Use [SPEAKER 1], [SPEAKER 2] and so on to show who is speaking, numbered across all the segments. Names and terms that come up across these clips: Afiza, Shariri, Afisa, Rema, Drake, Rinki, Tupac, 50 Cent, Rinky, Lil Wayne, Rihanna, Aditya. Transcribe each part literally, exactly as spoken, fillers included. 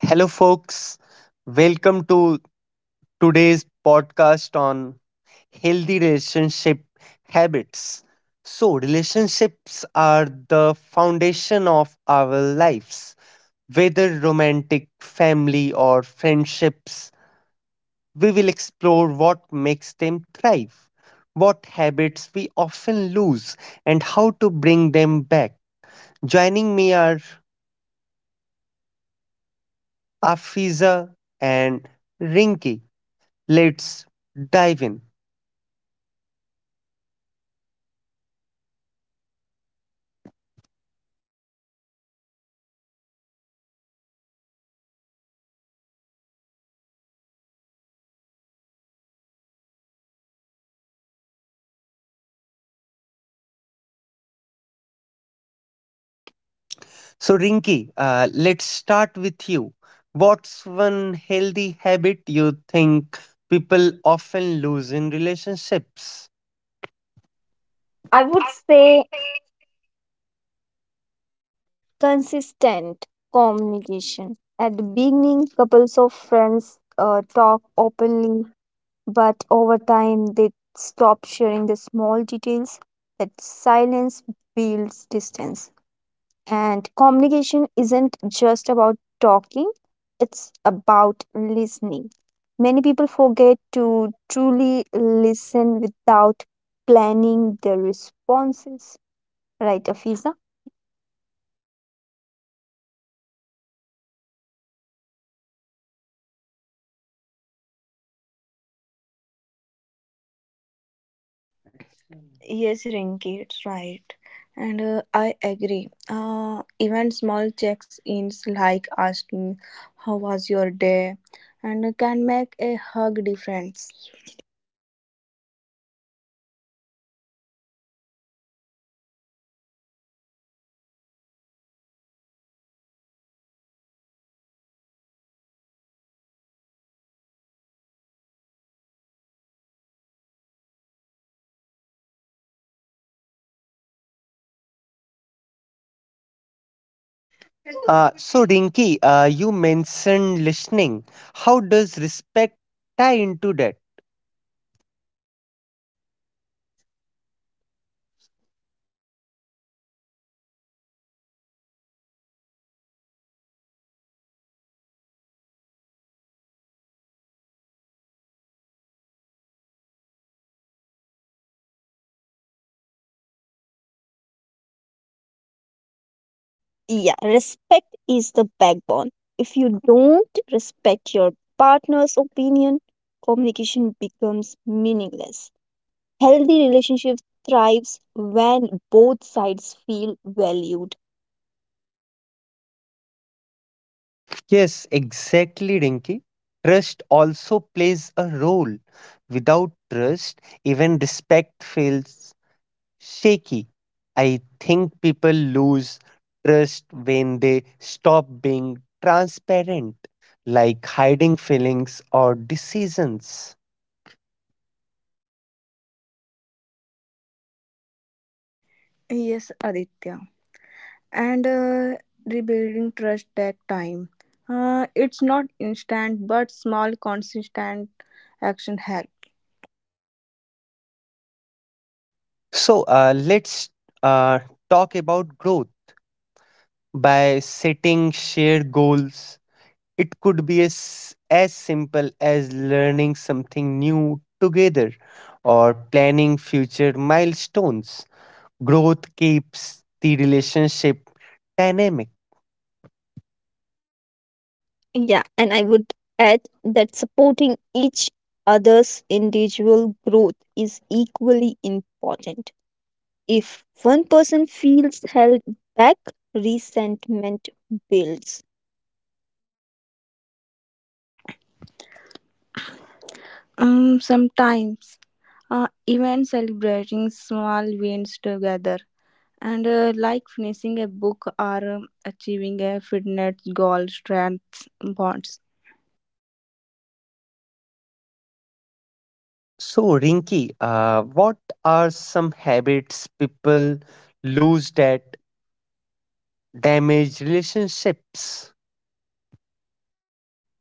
[SPEAKER 1] Hello, folks. Welcome to today's podcast on healthy relationship habits. So, relationships are the foundation of our lives, whether romantic, family, or friendships. We will explore what makes them thrive, what habits we often lose, and how to bring them back. Joining me are Afiza and Rinki. Let's dive in. So, Rinky, uh, let's start with you. What's one healthy habit you think people often lose in relationships?
[SPEAKER 2] I
[SPEAKER 1] I
[SPEAKER 2] would
[SPEAKER 1] would.
[SPEAKER 2] say consistent communication. At the beginning, couples of friends uh, talk openly, but over time, they stop sharing the small details. That silence builds distance. And communication isn't just about talking, it's about listening. Many people forget to truly listen without planning their responses. Right, Afisa?
[SPEAKER 3] Yes, Rinky, it's right. And uh, I agree. Uh, even small checks ins like asking, how was your day? And uh, Can make a hug difference.
[SPEAKER 1] Uh, so, Rinky, uh, you mentioned listening. How does respect tie into that?
[SPEAKER 2] Yeah, respect is the backbone. If you don't respect your partner's opinion, communication becomes meaningless. Healthy relationships thrives when both sides feel valued.
[SPEAKER 1] Yes, exactly, Rinky. Trust also plays a role. Without trust, even respect fails. Shaky. I think people lose trust when they stop being transparent, like hiding feelings or decisions.
[SPEAKER 3] Yes, Aditya. And uh, Rebuilding trust takes time. Uh, it's not instant, but small, consistent action helps.
[SPEAKER 1] So uh, let's uh, talk about growth by setting shared goals. It could be as, as simple as learning something new together or planning future milestones. Growth keeps the relationship dynamic.
[SPEAKER 2] Yeah, and I would add that supporting each other's individual growth is equally important. If one person feels held back, resentment builds.
[SPEAKER 3] Um, sometimes, uh, even celebrating small wins together and uh, like finishing a book or um, achieving a fitness goal strengths bonds.
[SPEAKER 1] So, Rinky, uh, what are some habits people lose that damage relationships?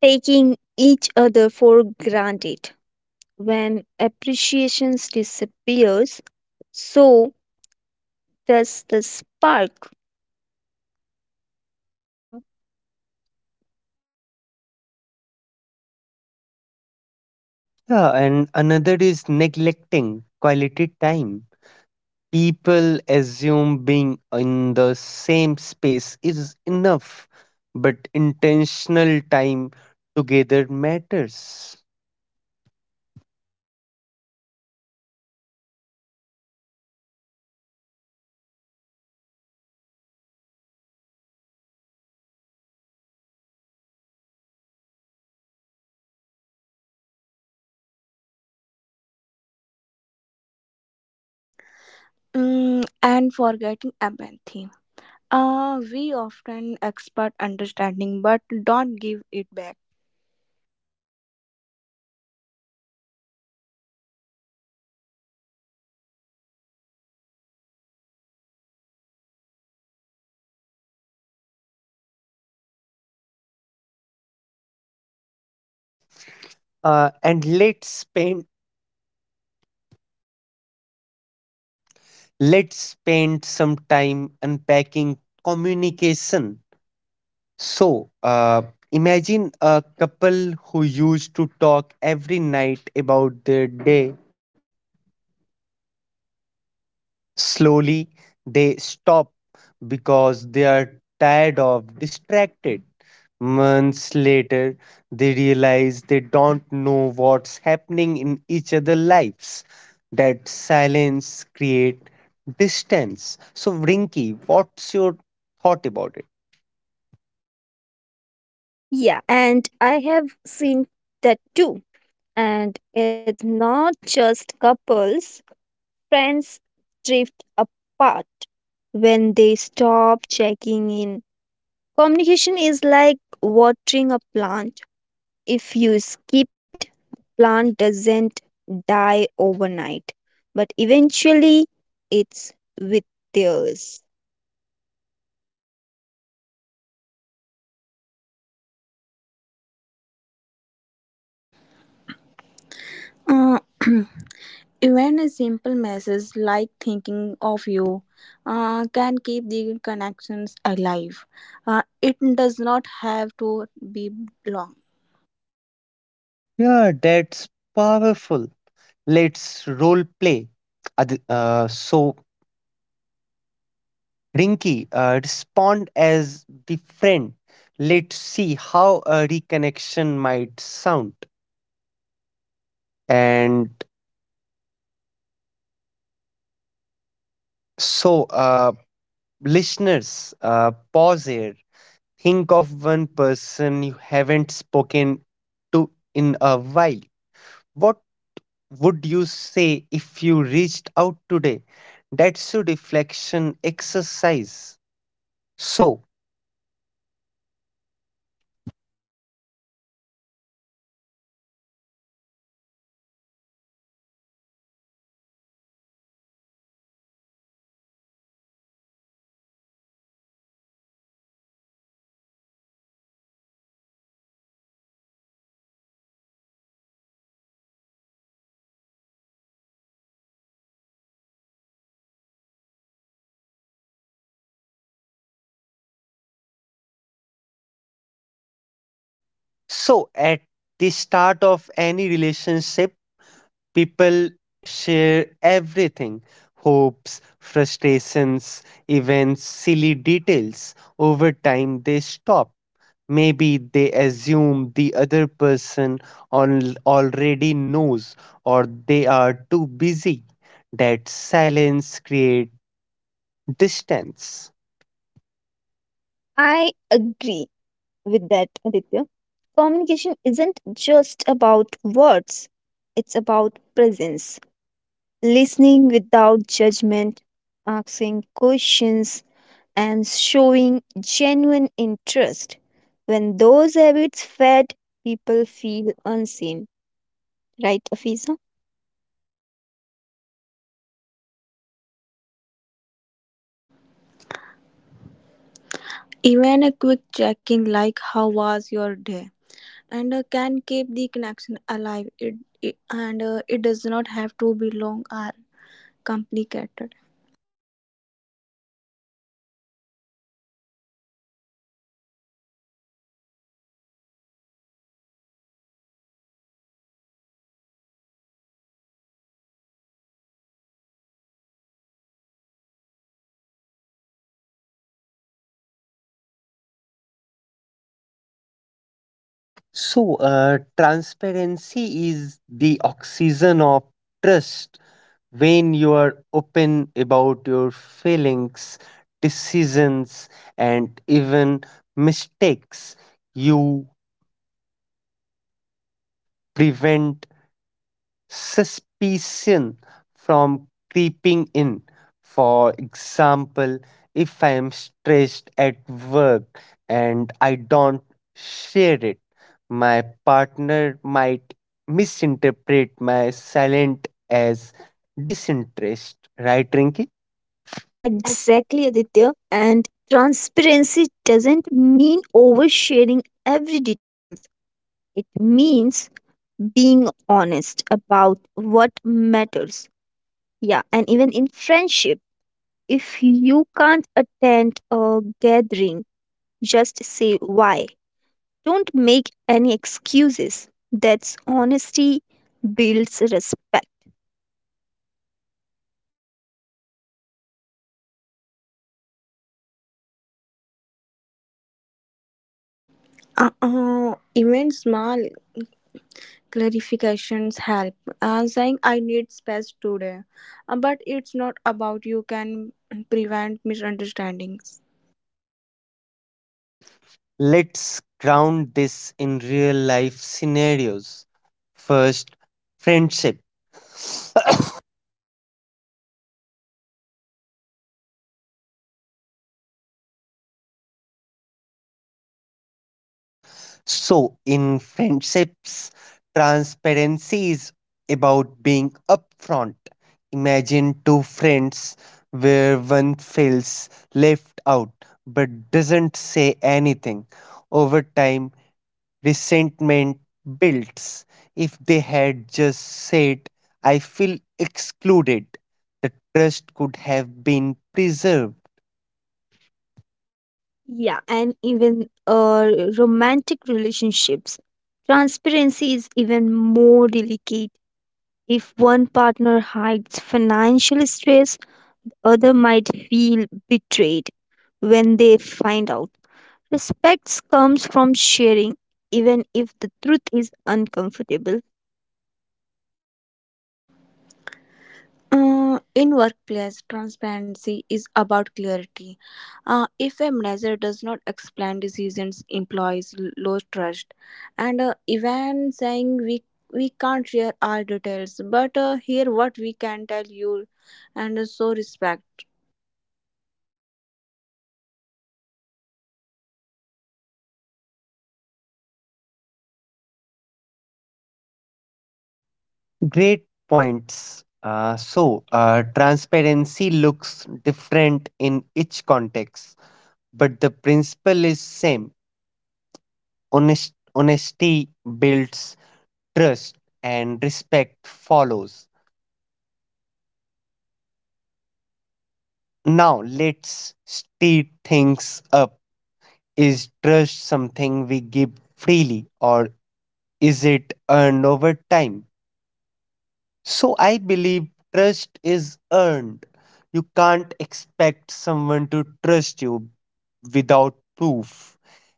[SPEAKER 2] Taking each other for granted. When appreciation disappears, so does the spark. You know.
[SPEAKER 1] Yeah, and another is neglecting quality time. People assume being in the same space is enough, but intentional time together matters.
[SPEAKER 3] Mm, and forgetting empathy, uh, we often expect understanding but don't give it back.
[SPEAKER 1] Uh, and let's spend let's spend some time unpacking communication. So, uh, imagine a couple who used to talk every night about their day. Slowly, they stop because they are tired of distracted. Months later, they realize they don't know what's happening in each other's lives. That silence create distance. So, Rinky, what's your thought about it?
[SPEAKER 2] Yeah, and I have seen that too. And it's not just couples, friends drift apart when they stop checking in. Communication is like watering a plant. If you skip it, plant doesn't die overnight, but eventually it's with theirs.
[SPEAKER 3] Uh, Even a simple message like
[SPEAKER 1] Mm,
[SPEAKER 3] thinking
[SPEAKER 1] of
[SPEAKER 3] of
[SPEAKER 1] you.
[SPEAKER 3] you uh, can keep the connections alive. Uh, it does not have to be long.
[SPEAKER 1] Yeah, that's powerful. Let's role play. Ad- uh, so, Rinky, uh, respond as the friend. Let's see how a reconnection might sound. And so, uh, listeners, uh, pause here. Think of one person you haven't spoken to in a while. What would you say if you reached out today? That's a reflection exercise. So, So, at the start of any relationship, people share everything: hopes, frustrations, events, silly details. Over time, they stop. Maybe they assume the other person al- already knows or they are too busy. That silence creates distance.
[SPEAKER 2] I agree with that, Aditya. Communication isn't just about words, it's about presence, listening without judgment, asking questions, and showing genuine interest. When those habits fed, people feel unseen. Right, Afisa?
[SPEAKER 3] Even a quick check-in like how was your day and uh, can keep the connection alive, it, it and uh, it does not have to be long or complicated.
[SPEAKER 1] So, uh, transparency is the oxygen of trust. When you are open about your feelings, decisions, and even mistakes, you prevent suspicion from creeping in. For example, if I am stressed at work and I don't share it, my partner might misinterpret my silence as disinterest, right, Rinky?
[SPEAKER 2] Exactly, Aditya. And transparency doesn't mean oversharing every details. It means being honest about what matters. Yeah, and even in friendship, if you can't attend a gathering, just say why. Don't make any excuses. That's honesty builds respect.
[SPEAKER 3] Uh, uh, even small clarifications help, uh, saying I need space today. Uh, but it's not about, you can prevent misunderstandings.
[SPEAKER 1] Let's ground this in real life scenarios. First, friendship. So, in friendships, transparency is about being upfront. Imagine two friends where one feels left out but doesn't say anything. Over time, resentment builds. If they had just said, I feel excluded, the trust could have been preserved.
[SPEAKER 2] Yeah, and even uh, romantic relationships. Transparency is even more delicate. If one partner hides financial stress, other might feel betrayed when they find out. Respect comes from sharing, even if the truth is uncomfortable.
[SPEAKER 3] Uh, in workplace, transparency is about clarity. Uh, if a manager does not explain decisions, employees l- lose trust. And uh, Even saying we we can't share all details, but uh, here what we can tell you, and uh, so respect.
[SPEAKER 1] Great points. Uh, so, uh, transparency looks different in each context, but the principle is same. Honest, honesty builds trust, and respect follows. Now, let's stir things up. Is trust something we give freely or is it earned over time? So I believe trust is earned. You can't expect someone to trust you without proof.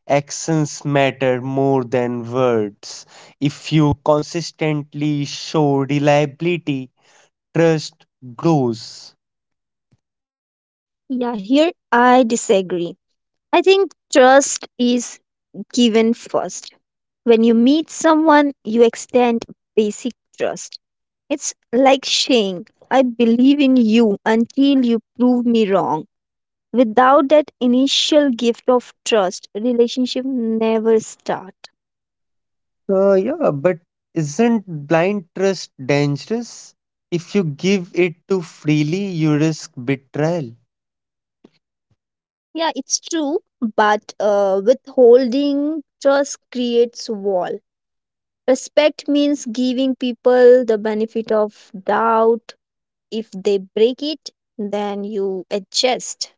[SPEAKER 1] Actions matter more than words. If you consistently show reliability, trust grows.
[SPEAKER 2] Yeah, here I disagree. I think trust is given first. When you meet someone, you extend basic trust. It's like saying, I believe in you until you prove me wrong. Without that initial gift of trust, relationship never start.
[SPEAKER 1] Uh, yeah, but isn't blind trust dangerous? If you give it too freely, you risk betrayal.
[SPEAKER 2] Yeah, it's true, but uh, withholding trust creates wall. Respect means giving people the benefit of doubt. If they break it, then you adjust.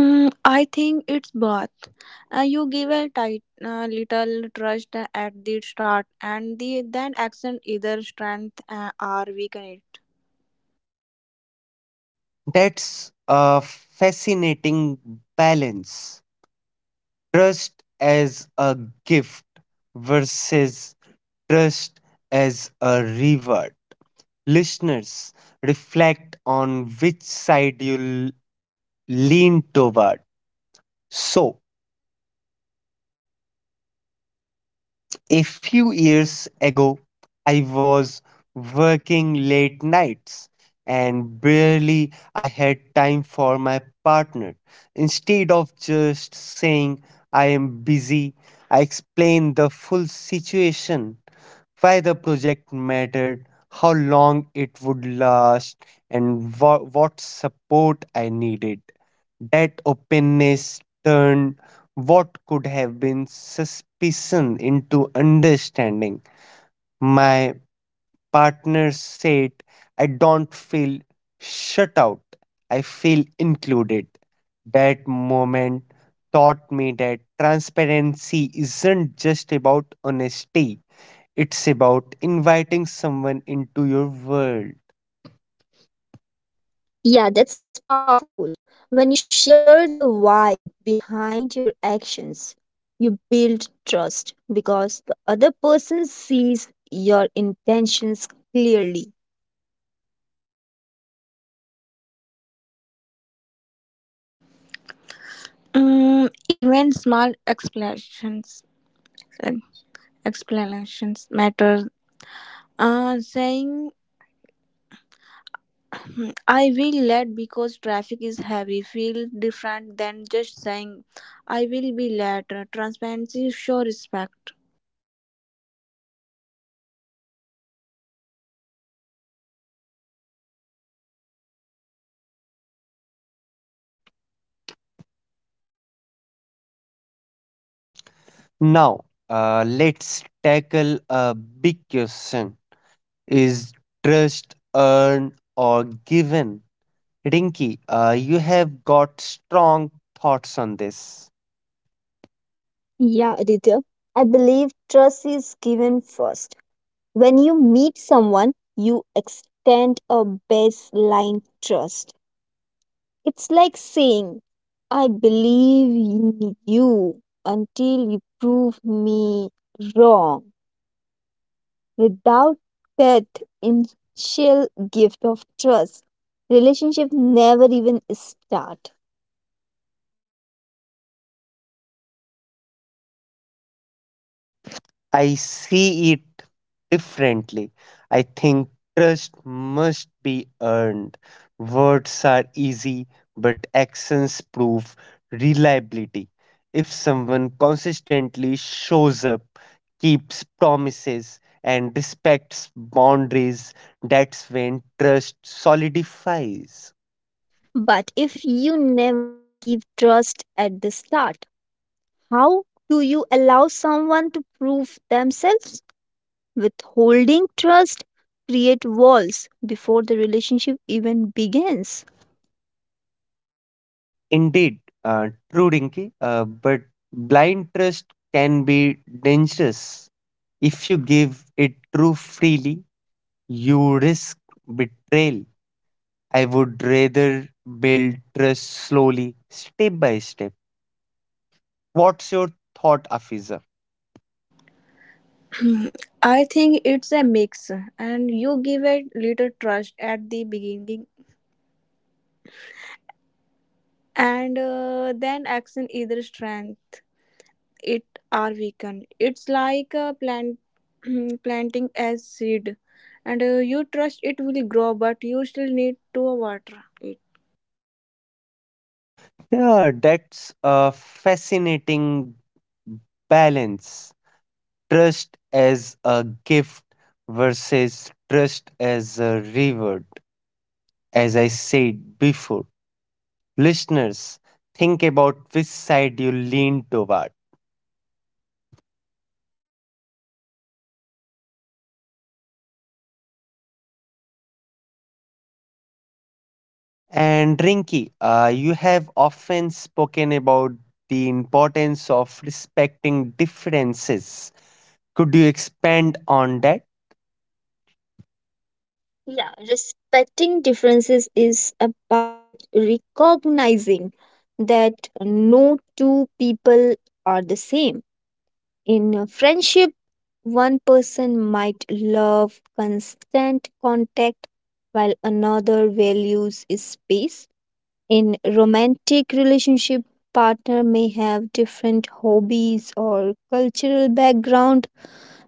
[SPEAKER 3] Mm, I think it's both. Uh, you give a tight, uh, little trust at the start, and the then action either strength uh, or weaken it.
[SPEAKER 1] That's a fascinating balance. Trust as a gift versus trust as a reward. Listeners, reflect on which side you lean toward. So, a few years ago, I was working late nights and barely I had time for my partner. Instead of just saying I am busy, I explained the full situation, why the project mattered, how long it would last, and wha- what support I needed. That openness turned what could have been suspicion into understanding. My partner said, I don't feel shut out, I feel included. That moment taught me that transparency isn't just about honesty, it's about inviting someone into your world.
[SPEAKER 2] Yeah, that's powerful. When you share the why behind your actions, you build trust because the other person sees your intentions clearly.
[SPEAKER 3] Mm, even small explanations like explanations matter. Uh, saying, "Hmm, I will late because traffic is heavy," feel different than just saying I will be late. Transparency show respect.
[SPEAKER 1] Now, uh, let's tackle a big question. Is trust earned or given? Rinky, uh, you have got strong thoughts on this.
[SPEAKER 2] Yeah, Aditya, I believe trust is given first. When you meet someone, you extend a baseline trust. It's like saying, I believe in you until you prove me wrong. Without that initial gift of trust, relationship never even start.
[SPEAKER 1] I see it differently. I think trust must be earned. Words are easy, but actions prove reliability. If someone consistently shows up, keeps promises, and respects boundaries, that's when trust solidifies.
[SPEAKER 2] But if you never give trust at the start, how do you allow someone to prove themselves? Withholding trust create walls before the relationship even begins.
[SPEAKER 1] Indeed, uh, true, Dinky. Uh, but blind trust can be dangerous. If you give it too freely, you risk betrayal. I would rather build trust slowly, step by step. What's your thought, Afiza?
[SPEAKER 3] I think it's a mix, and you give a little trust at the beginning, and uh, then action either strength, it are weakened. It's like a plant planting as seed, and uh, you trust it will grow, but you still need to water it.
[SPEAKER 1] Yeah, that's a fascinating balance. Trust as a gift versus trust as a reward, as I said before. Listeners, think about which side you lean toward. And Rinky, uh, you have often spoken about the importance of respecting differences. Could you expand on that?
[SPEAKER 2] Yeah, respecting differences is about recognizing that no two people are the same. In a friendship, one person might love constant contact while another values space. In romantic relationship, partner may have different hobbies or cultural background.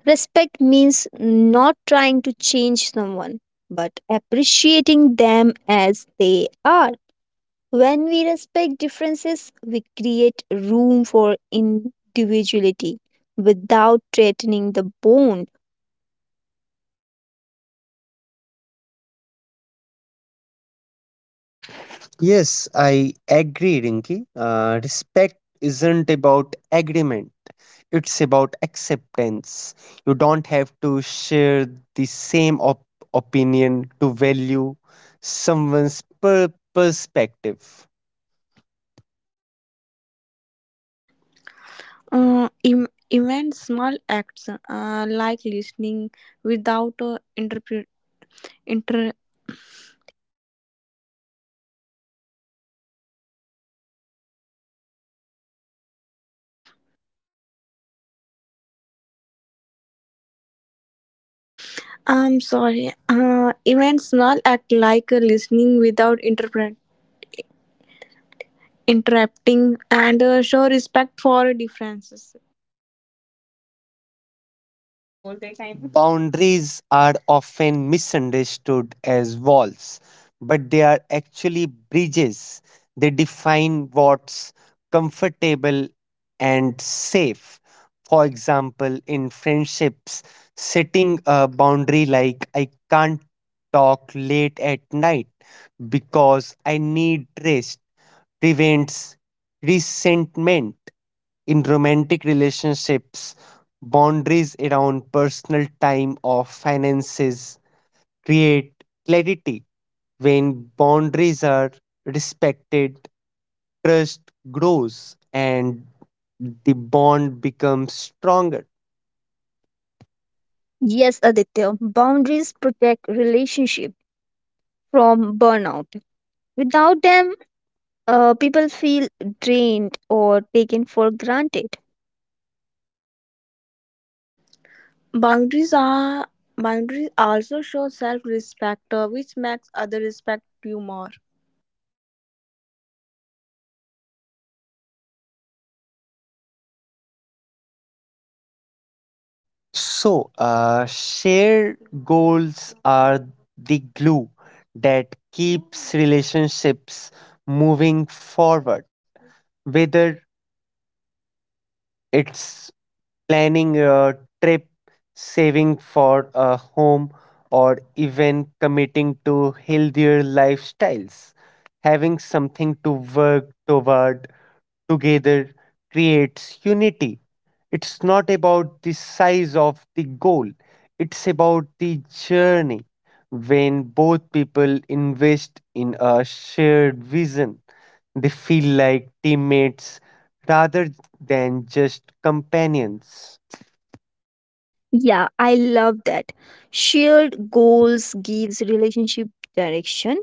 [SPEAKER 2] Respect means not trying to change someone, but appreciating them as they are. When we respect differences, we create room for individuality without threatening the bond.
[SPEAKER 1] Yes, I agree, Rinki. Uh, respect isn't about agreement, it's about acceptance. You don't have to share the same op- opinion to value someone's per- perspective.
[SPEAKER 3] Uh, im- even small acts uh, like listening without uh, interpret. Inter- I'm sorry. Uh, even small act like uh, listening without interpret interrupting, and uh, show respect for differences.
[SPEAKER 1] Boundaries are often misunderstood as walls, but they are actually bridges. They define what's comfortable and safe. For example, in friendships, setting a boundary like I can't talk late at night because I need rest prevents resentment in romantic relationships. Boundaries around personal time or finances create clarity. When boundaries are respected, trust grows and the bond becomes stronger.
[SPEAKER 2] Yes, Aditya, boundaries protect relationship from burnout. Without them, uh, people feel drained or taken for granted.
[SPEAKER 3] Boundaries are Boundaries also show self-respect, uh, which makes others respect you more.
[SPEAKER 1] So, uh, shared goals are the glue that keeps relationships moving forward, whether it's planning a trip, saving for a home, or even committing to healthier lifestyles. Having something to work toward together creates unity. It's not about the size of the goal, it's about the journey. When both people invest in a shared vision, they feel like teammates rather than just companions.
[SPEAKER 2] Yeah, I love that. Shared goals gives relationship direction.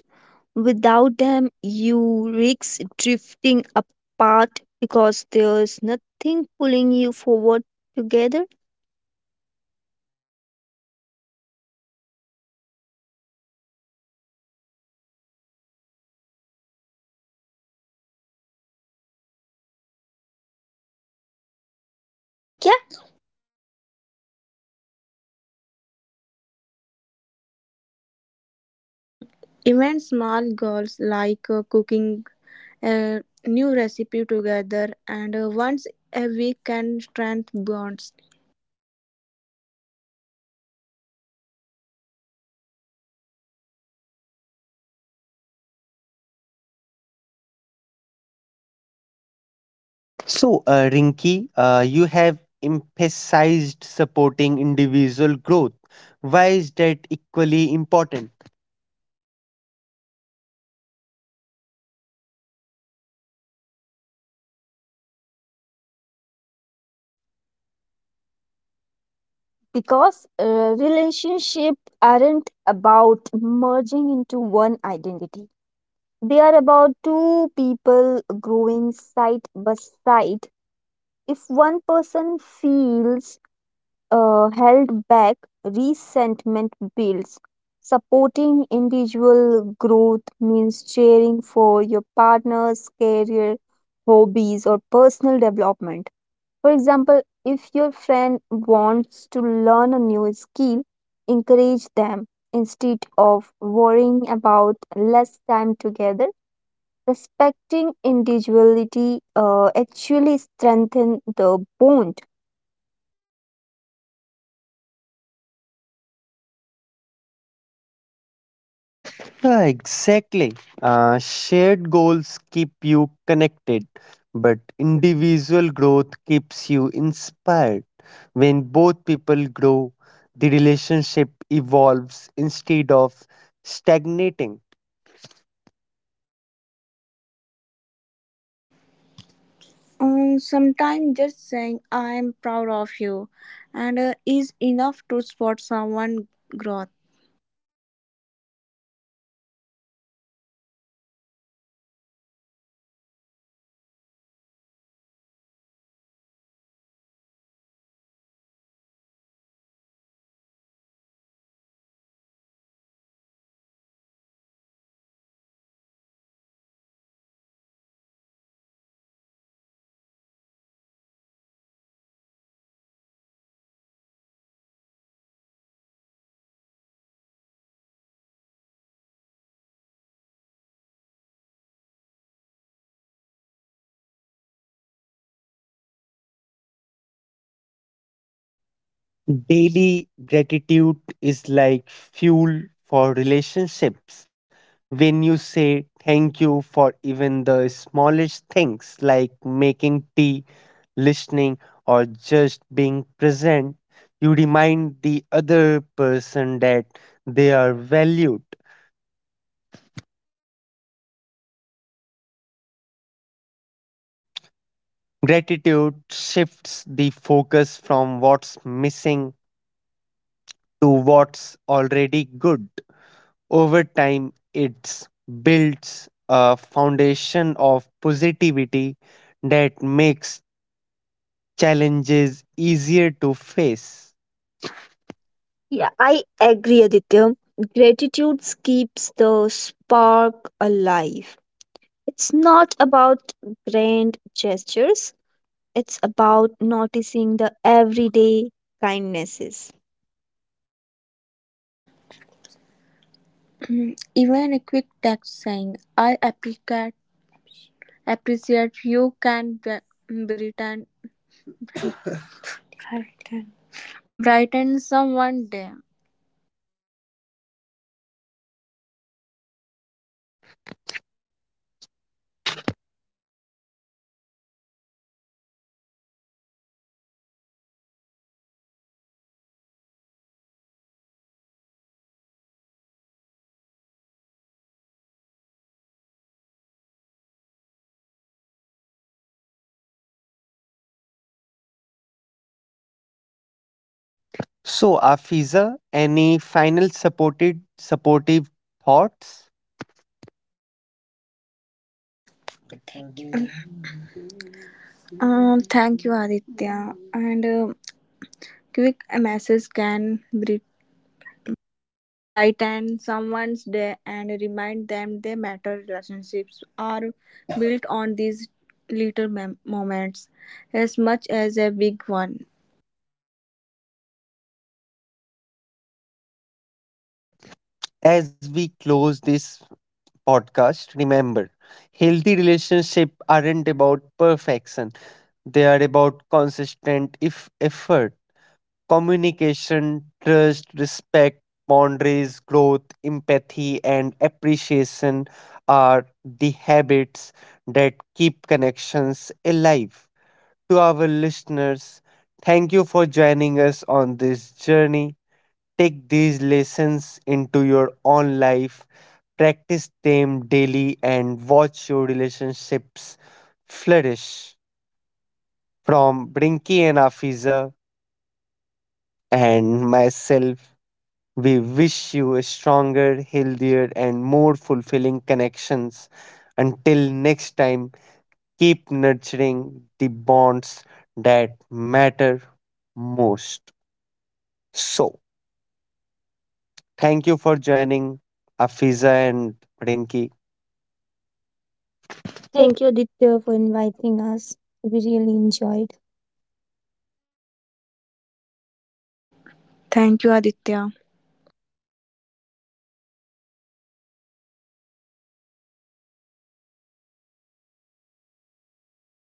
[SPEAKER 2] Without them, you risk drifting apart because there's nothing pulling you forward together.
[SPEAKER 3] Yeah. Mm, even small goals like uh, cooking a new recipe together and uh, once a week can strengthen bonds.
[SPEAKER 1] So, uh, Rinki, uh, you have emphasized supporting individual growth. Why is that equally important?
[SPEAKER 2] Because uh, relationships aren't about merging into one identity. They are about two people growing side by side. If one person feels uh, held back, resentment builds. Supporting individual growth means cheering for your partner's career, hobbies, or personal development. For example, if your friend wants to learn a new skill, encourage them instead of worrying about less time together. Respecting individuality uh, actually strengthens the bond.
[SPEAKER 1] Yeah, exactly. Uh, shared goals keep you connected, but individual growth keeps you inspired. When both people grow, the relationship evolves instead of stagnating.
[SPEAKER 3] Um, sometimes just saying I am proud of you and uh, is enough to spot someone growth.
[SPEAKER 1] Daily gratitude is like fuel for relationships. When you say thank you for even the smallest things like making tea, listening, or just being present, you remind the other person that they are valued. Gratitude shifts the focus from what's missing to what's already good. Over time, it builds a foundation of positivity that makes challenges easier to face.
[SPEAKER 2] Yeah, I agree, Aditya. Gratitude keeps the spark alive. It's not about grand gestures, it's about noticing the everyday kindnesses.
[SPEAKER 3] Even a quick text saying I appreciate appreciate you can be- brighten. Brighten. Brighten someone day.
[SPEAKER 1] So, Afiza, any final supported supportive thoughts
[SPEAKER 3] Uh, thank you, Aditya. And uh, Quick message can bri- brighten someone's day and remind them they matter. Relationships are built on these little mem- moments as much as a big one.
[SPEAKER 1] as we close this podcast? Remember, healthy relationships aren't about perfection; they are about consistent if effort. Communication, trust, respect, boundaries, growth, empathy, and appreciation are the habits that keep connections alive. To our listeners, thank you for joining us on this journey. Take these lessons into your own life, practice them daily, and watch your relationships flourish. From Brinky and Afiza and myself, we wish you a stronger, healthier, and more fulfilling connections. Until next time, keep nurturing the bonds that matter most. So, thank you for joining Afiza and Rinki.
[SPEAKER 2] Thank you, Aditya, for inviting us. We really enjoyed.
[SPEAKER 3] Thank you, Aditya.